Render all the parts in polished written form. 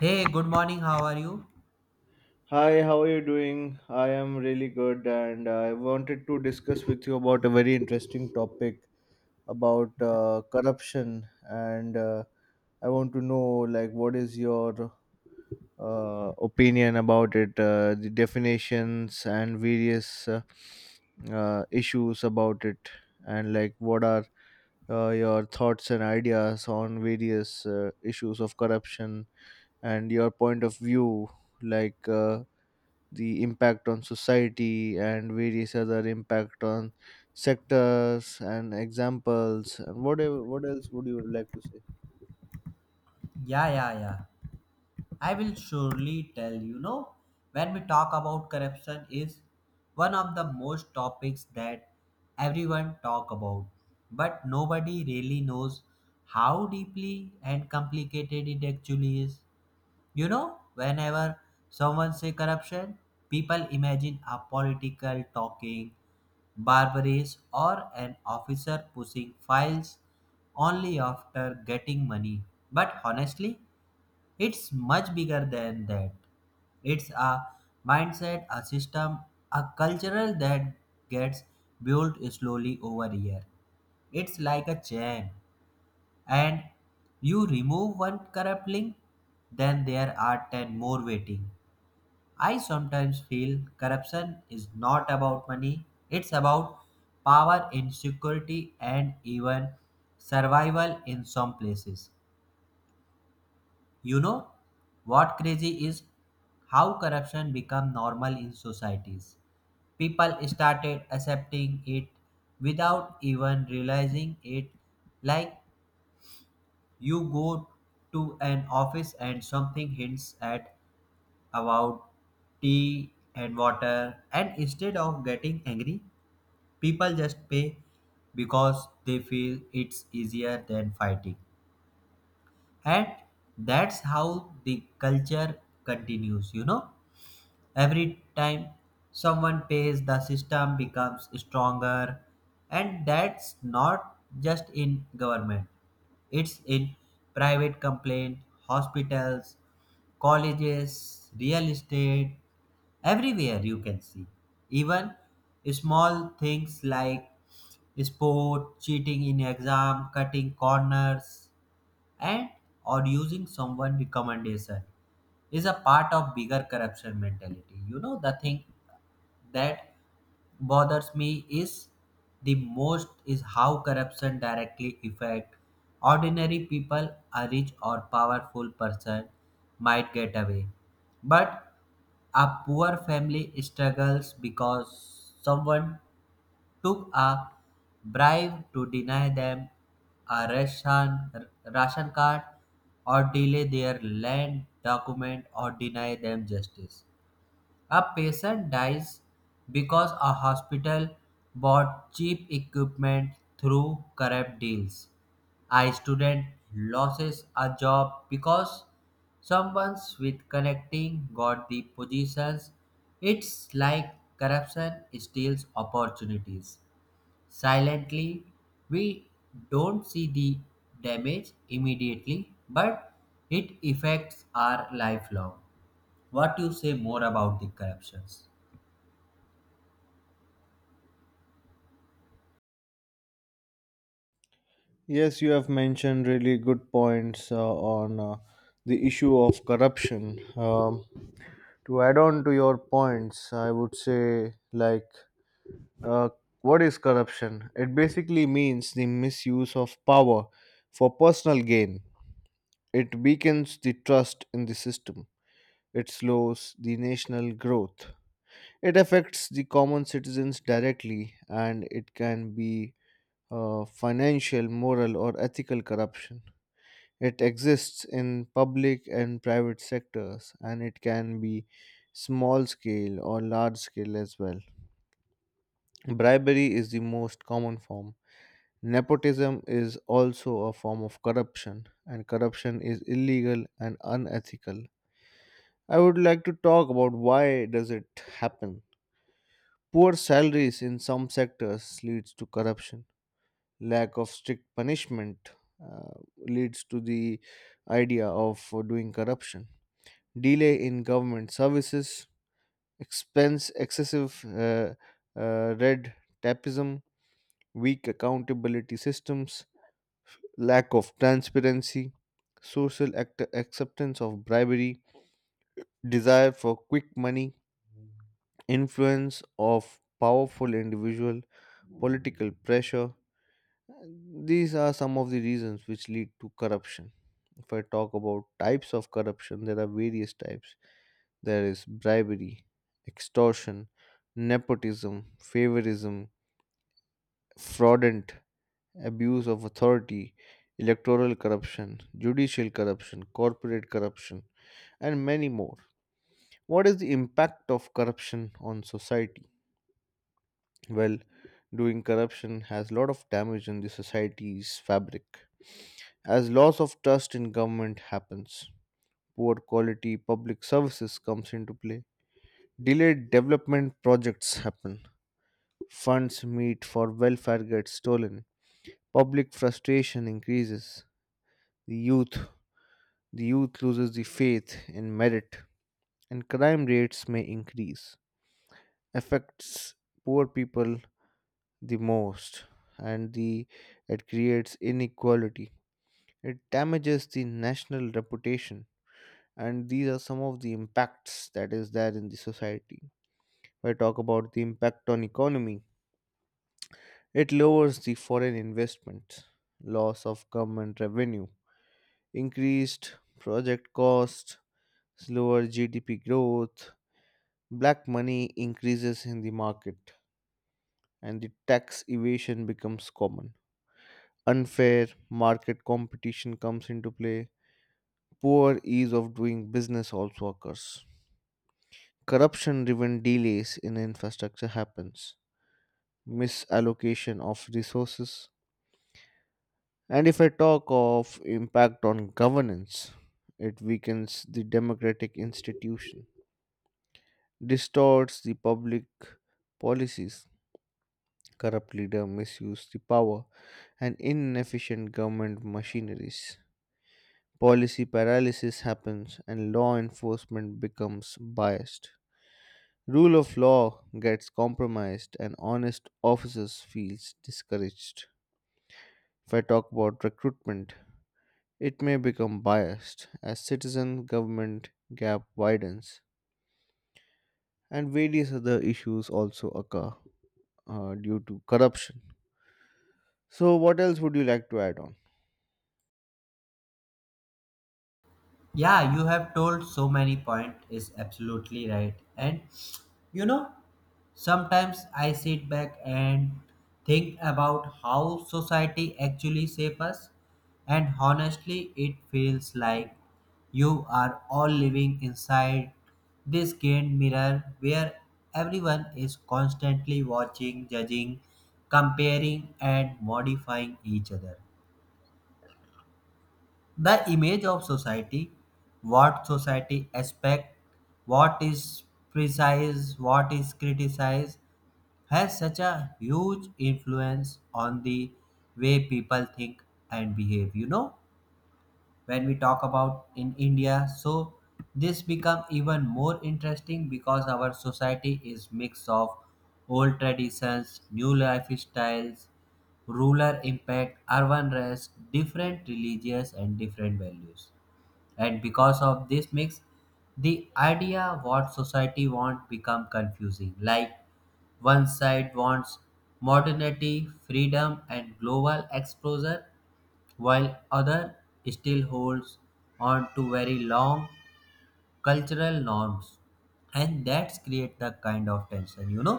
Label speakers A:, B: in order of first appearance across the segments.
A: Hey, good morning. How are you?
B: Hi, how are you doing? I am really good, and I wanted to discuss with you about a very interesting topic about corruption. And I want to know, like, what is your opinion about it, the definitions and various issues about it, and like, what are your thoughts and ideas on various issues of corruption and your point of view, like. Uh, the impact on society and various other impact on sectors and examples and whatever what else would you like to say.
A: Yeah, yeah, yeah, I will surely tell you. Know, when we talk about corruption is one of the most topics that everyone talk about, but nobody really knows how deeply and complicated it actually is. You know, whenever someone say corruption, people imagine a political talking barbarous or an officer pushing files only after getting money. But honestly, it's much bigger than that. It's a mindset, a system, a cultural that gets built slowly over year. It's like a chain and you remove one corrupt link, then there are 10 more waiting. I sometimes feel corruption is not about money, it's about power, insecurity, and even survival in some places. You know what crazy is how corruption become normal in societies. People started accepting it without even realizing it, like you go to an office and something hints at about tea and water, and instead of getting angry, people just pay because they feel it's easier than fighting. And that's how the culture continues, you know. Every time someone pays, the system becomes stronger, and that's not just in government, it's in private complaint, hospitals, colleges, real estate, everywhere you can see. Even small things like sport, cheating in exam, cutting corners, and or using someone recommendation is a part of bigger corruption mentality. You know the thing that bothers me is the most is how corruption directly affect ordinary people. A rich or powerful person might get away, but a poor family struggles because someone took a bribe to deny them a ration card, or delay their land document, or deny them justice. A patient dies because a hospital bought cheap equipment through corrupt deals. A student loses a job because someone with connecting got the positions. It's like corruption steals opportunities. Silently, we don't see the damage immediately, but it affects our lifelong. What you say more about the corruptions?
B: Yes, you have mentioned really good points on the issue of corruption. To add on to your points, I would say, uh, what is corruption? It basically means the misuse of power for personal gain. It weakens the trust in the system. It slows the national growth. It affects the common citizens directly, and it can be financial, moral, or ethical corruption. It exists in public and private sectors, and it can be small scale or large scale as well. Bribery is the most common form. Nepotism is also a form of corruption, and corruption is illegal and unethical. I would like to talk about why does it happen. Poor salaries in some sectors leads to corruption. Lack of strict punishment uh, leads to the idea of doing corruption. Delay in government services, expense, excessive red tapism, weak accountability systems, lack of transparency, acceptance of bribery, desire for quick money, influence of powerful individual, political pressure. These are some of the reasons which lead to corruption. If I talk about types of corruption, there are various types. There is bribery, extortion, nepotism, favorism, fraudulent abuse of authority, electoral corruption, judicial corruption, corporate corruption, and many more. What is the impact of corruption on society? Well, doing corruption has a lot of damage in the society's fabric. As loss of trust in government happens, poor quality public services comes into play. Delayed development projects happen. Funds meet for welfare gets stolen. Public frustration increases. The youth the youth loses the faith in merit, and crime rates may increase. Affects poor people the most, and the it creates inequality, it damages the national reputation, and these are some of the impacts that is there in the society. If I talk about the impact on economy, it lowers the foreign investment, loss of government revenue, increased project cost, slower GDP growth, black money increases in the market, and the tax evasion becomes common. Unfair market competition comes into play. Poor ease of doing business also occurs. Corruption driven delays in infrastructure happens. Misallocation of resources. And if I talk of impact on governance, it weakens the democratic institution, distorts the public policies. Corrupt leader misuse the power and inefficient government machineries. Policy paralysis happens and law enforcement becomes biased. Rule of law gets compromised and honest officers feels discouraged. If I talk about recruitment, it may become biased as citizen government gap widens and various other issues also occur due to corruption. So what else would you like to add on?
A: Yeah, you have told so many point is absolutely right, and you know, sometimes I sit back and think about how society actually save us, and honestly it feels like you are all living inside this gained mirror where everyone is constantly watching, judging, comparing and modifying each other. The image of society, what society expect, what is precise, what is criticized, has such a huge influence on the way people think and behave. You know, when we talk about in India, so this become even more interesting because our society is mix of old traditions, new lifestyles, rural impact, urban rest, different religious and different values. And because of this mix, the idea what society want become confusing. Like one side wants modernity, freedom and global exposure, while other still holds on to very long cultural norms, and that's create the kind of tension. You know,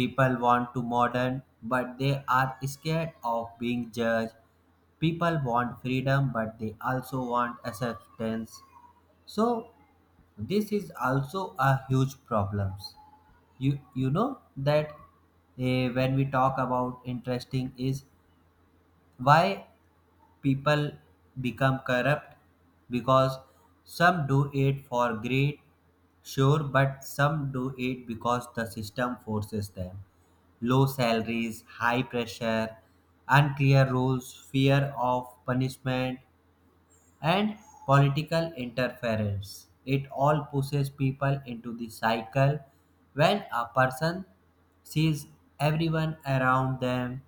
A: people want to modern but they are scared of being judged. People want freedom but they also want acceptance. So this is also a huge problems. You know that when we talk about interesting is why people become corrupt. Because some do it for greed, sure, but some do it because the system forces them. Low salaries, high pressure, unclear rules, fear of punishment, and political interference. It all pushes people into the cycle. When a person sees everyone around them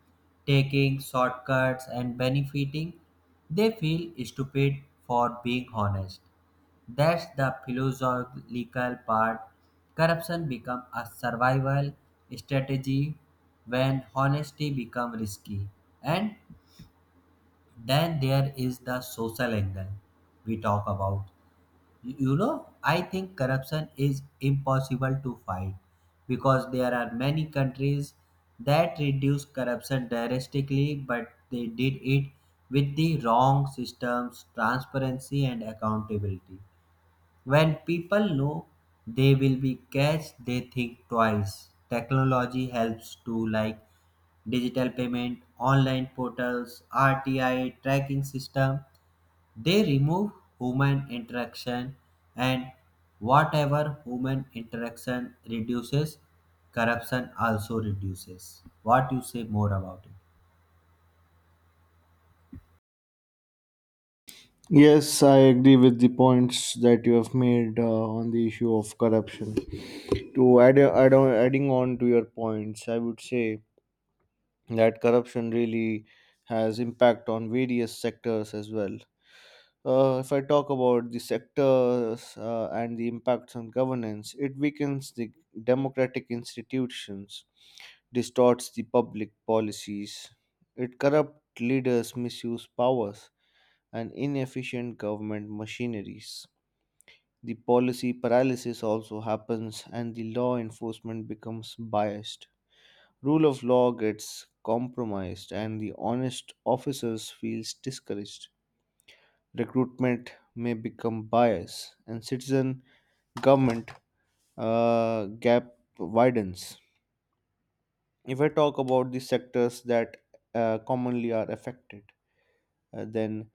A: taking shortcuts and benefiting, they feel stupid for being honest. That's the philosophical part. Corruption becomes a survival strategy when honesty becomes risky. And then there is the social angle we talk about. You know, I think corruption is impossible to fight because there are many countries that reduce corruption drastically, but they did it with the wrong systems, transparency, and accountability. When people know they will be catched, they think twice. Technology helps too, like digital payment, online portals, RTI tracking system. They remove human interaction, and whatever human interaction reduces, corruption also reduces. What you say more about it?
B: Yes, I agree with the points that you have made on the issue of corruption. To add, add on, adding on to your points, I would say that corruption really has impact on various sectors as well. If I talk about the sectors and the impacts on governance, it weakens the democratic institutions, distorts the public policies. It corrupt leaders misuse powers and inefficient government machineries. The policy paralysis also happens and the law enforcement becomes biased. Rule of law gets compromised, and the honest officers feels discouraged. Recruitment may become biased, and citizen government gap widens. If I talk about the sectors that commonly are affected, then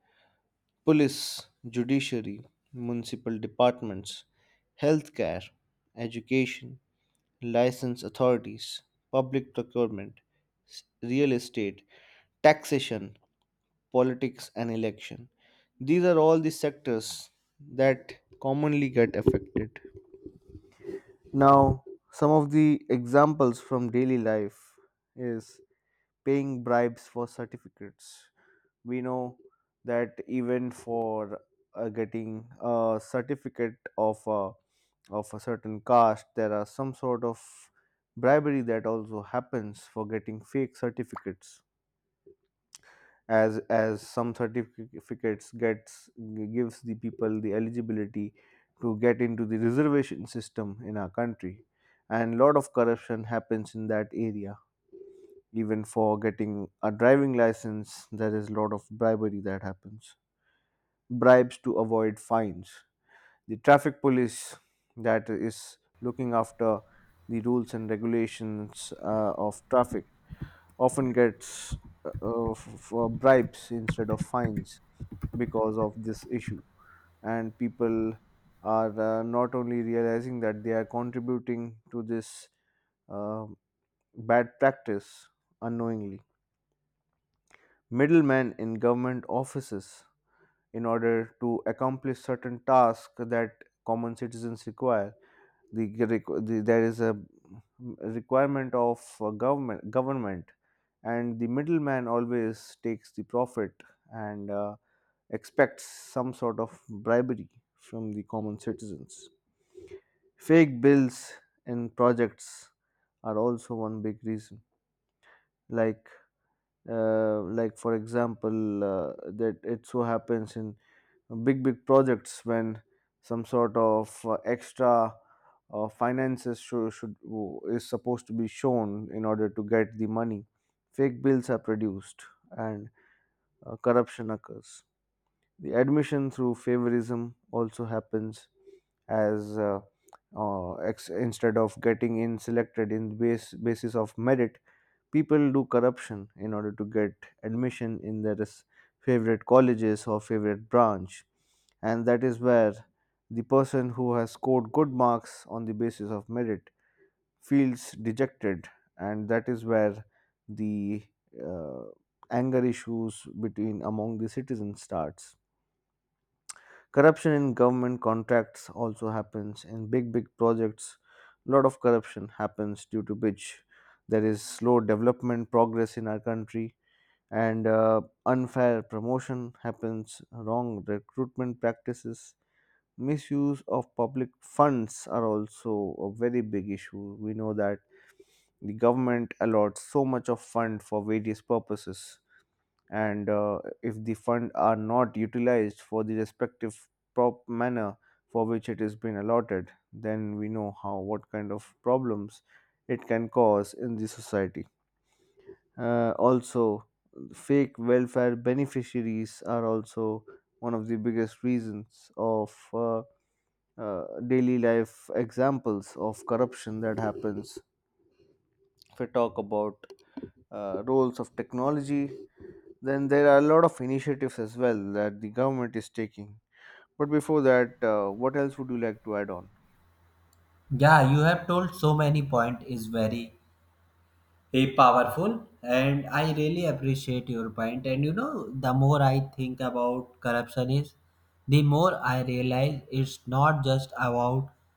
B: police, judiciary, municipal departments, healthcare, education, license authorities, public procurement, real estate, taxation, politics, and election. These are all the sectors that commonly get affected. Now, some of the examples from daily life is paying bribes for certificates. We know that even for getting a certificate of of a certain caste, there are some sort of bribery that also happens for getting fake certificates. As some certificates gets gives the people the eligibility to get into the reservation system in our country, and a lot of corruption happens in that area. Even for getting a driving license, there is a lot of bribery that happens. Bribes to avoid fines, the traffic police that is looking after the rules and regulations of traffic often gets for bribes instead of fines because of this issue, and people are not only realizing that they are contributing to this uh, bad practice unknowingly. Middlemen in government offices, in order to accomplish certain tasks that common citizens require, the, there is a requirement of government and the middleman always takes the profit and expects some sort of bribery from the common citizens. Fake bills in projects are also one big reason. Like uh, like for example, that it so happens in big projects when some sort of extra finances is supposed to be shown in order to get the money, fake bills are produced and corruption occurs. The admission through favorism also happens, as instead of getting in selected in base basis of merit, people do corruption in order to get admission in their favorite colleges or favorite branch, and that is where the person who has scored good marks on the basis of merit feels dejected. And that is where the uh, anger issues between among the citizens starts. Corruption in government contracts also happens in big projects. A lot of corruption happens due to which there is slow development progress in our country. And unfair promotion happens, wrong recruitment practices, misuse of public funds are also a very big issue. We know that the government allots so much of fund for various purposes, and if the fund are not utilized for the respective prop manner for which it has been allotted, then we know how what kind of problems it can cause in the society. Also, fake welfare beneficiaries are also one of the biggest reasons of daily life examples of corruption that happens. If we talk about roles of technology, then there are a lot of initiatives as well that the government is taking. But before that, what else would you like to add on?
A: Yeah, you have told so many point is very a powerful and I really appreciate your point. And you know, the more I think about corruption is the more I realize it's not just about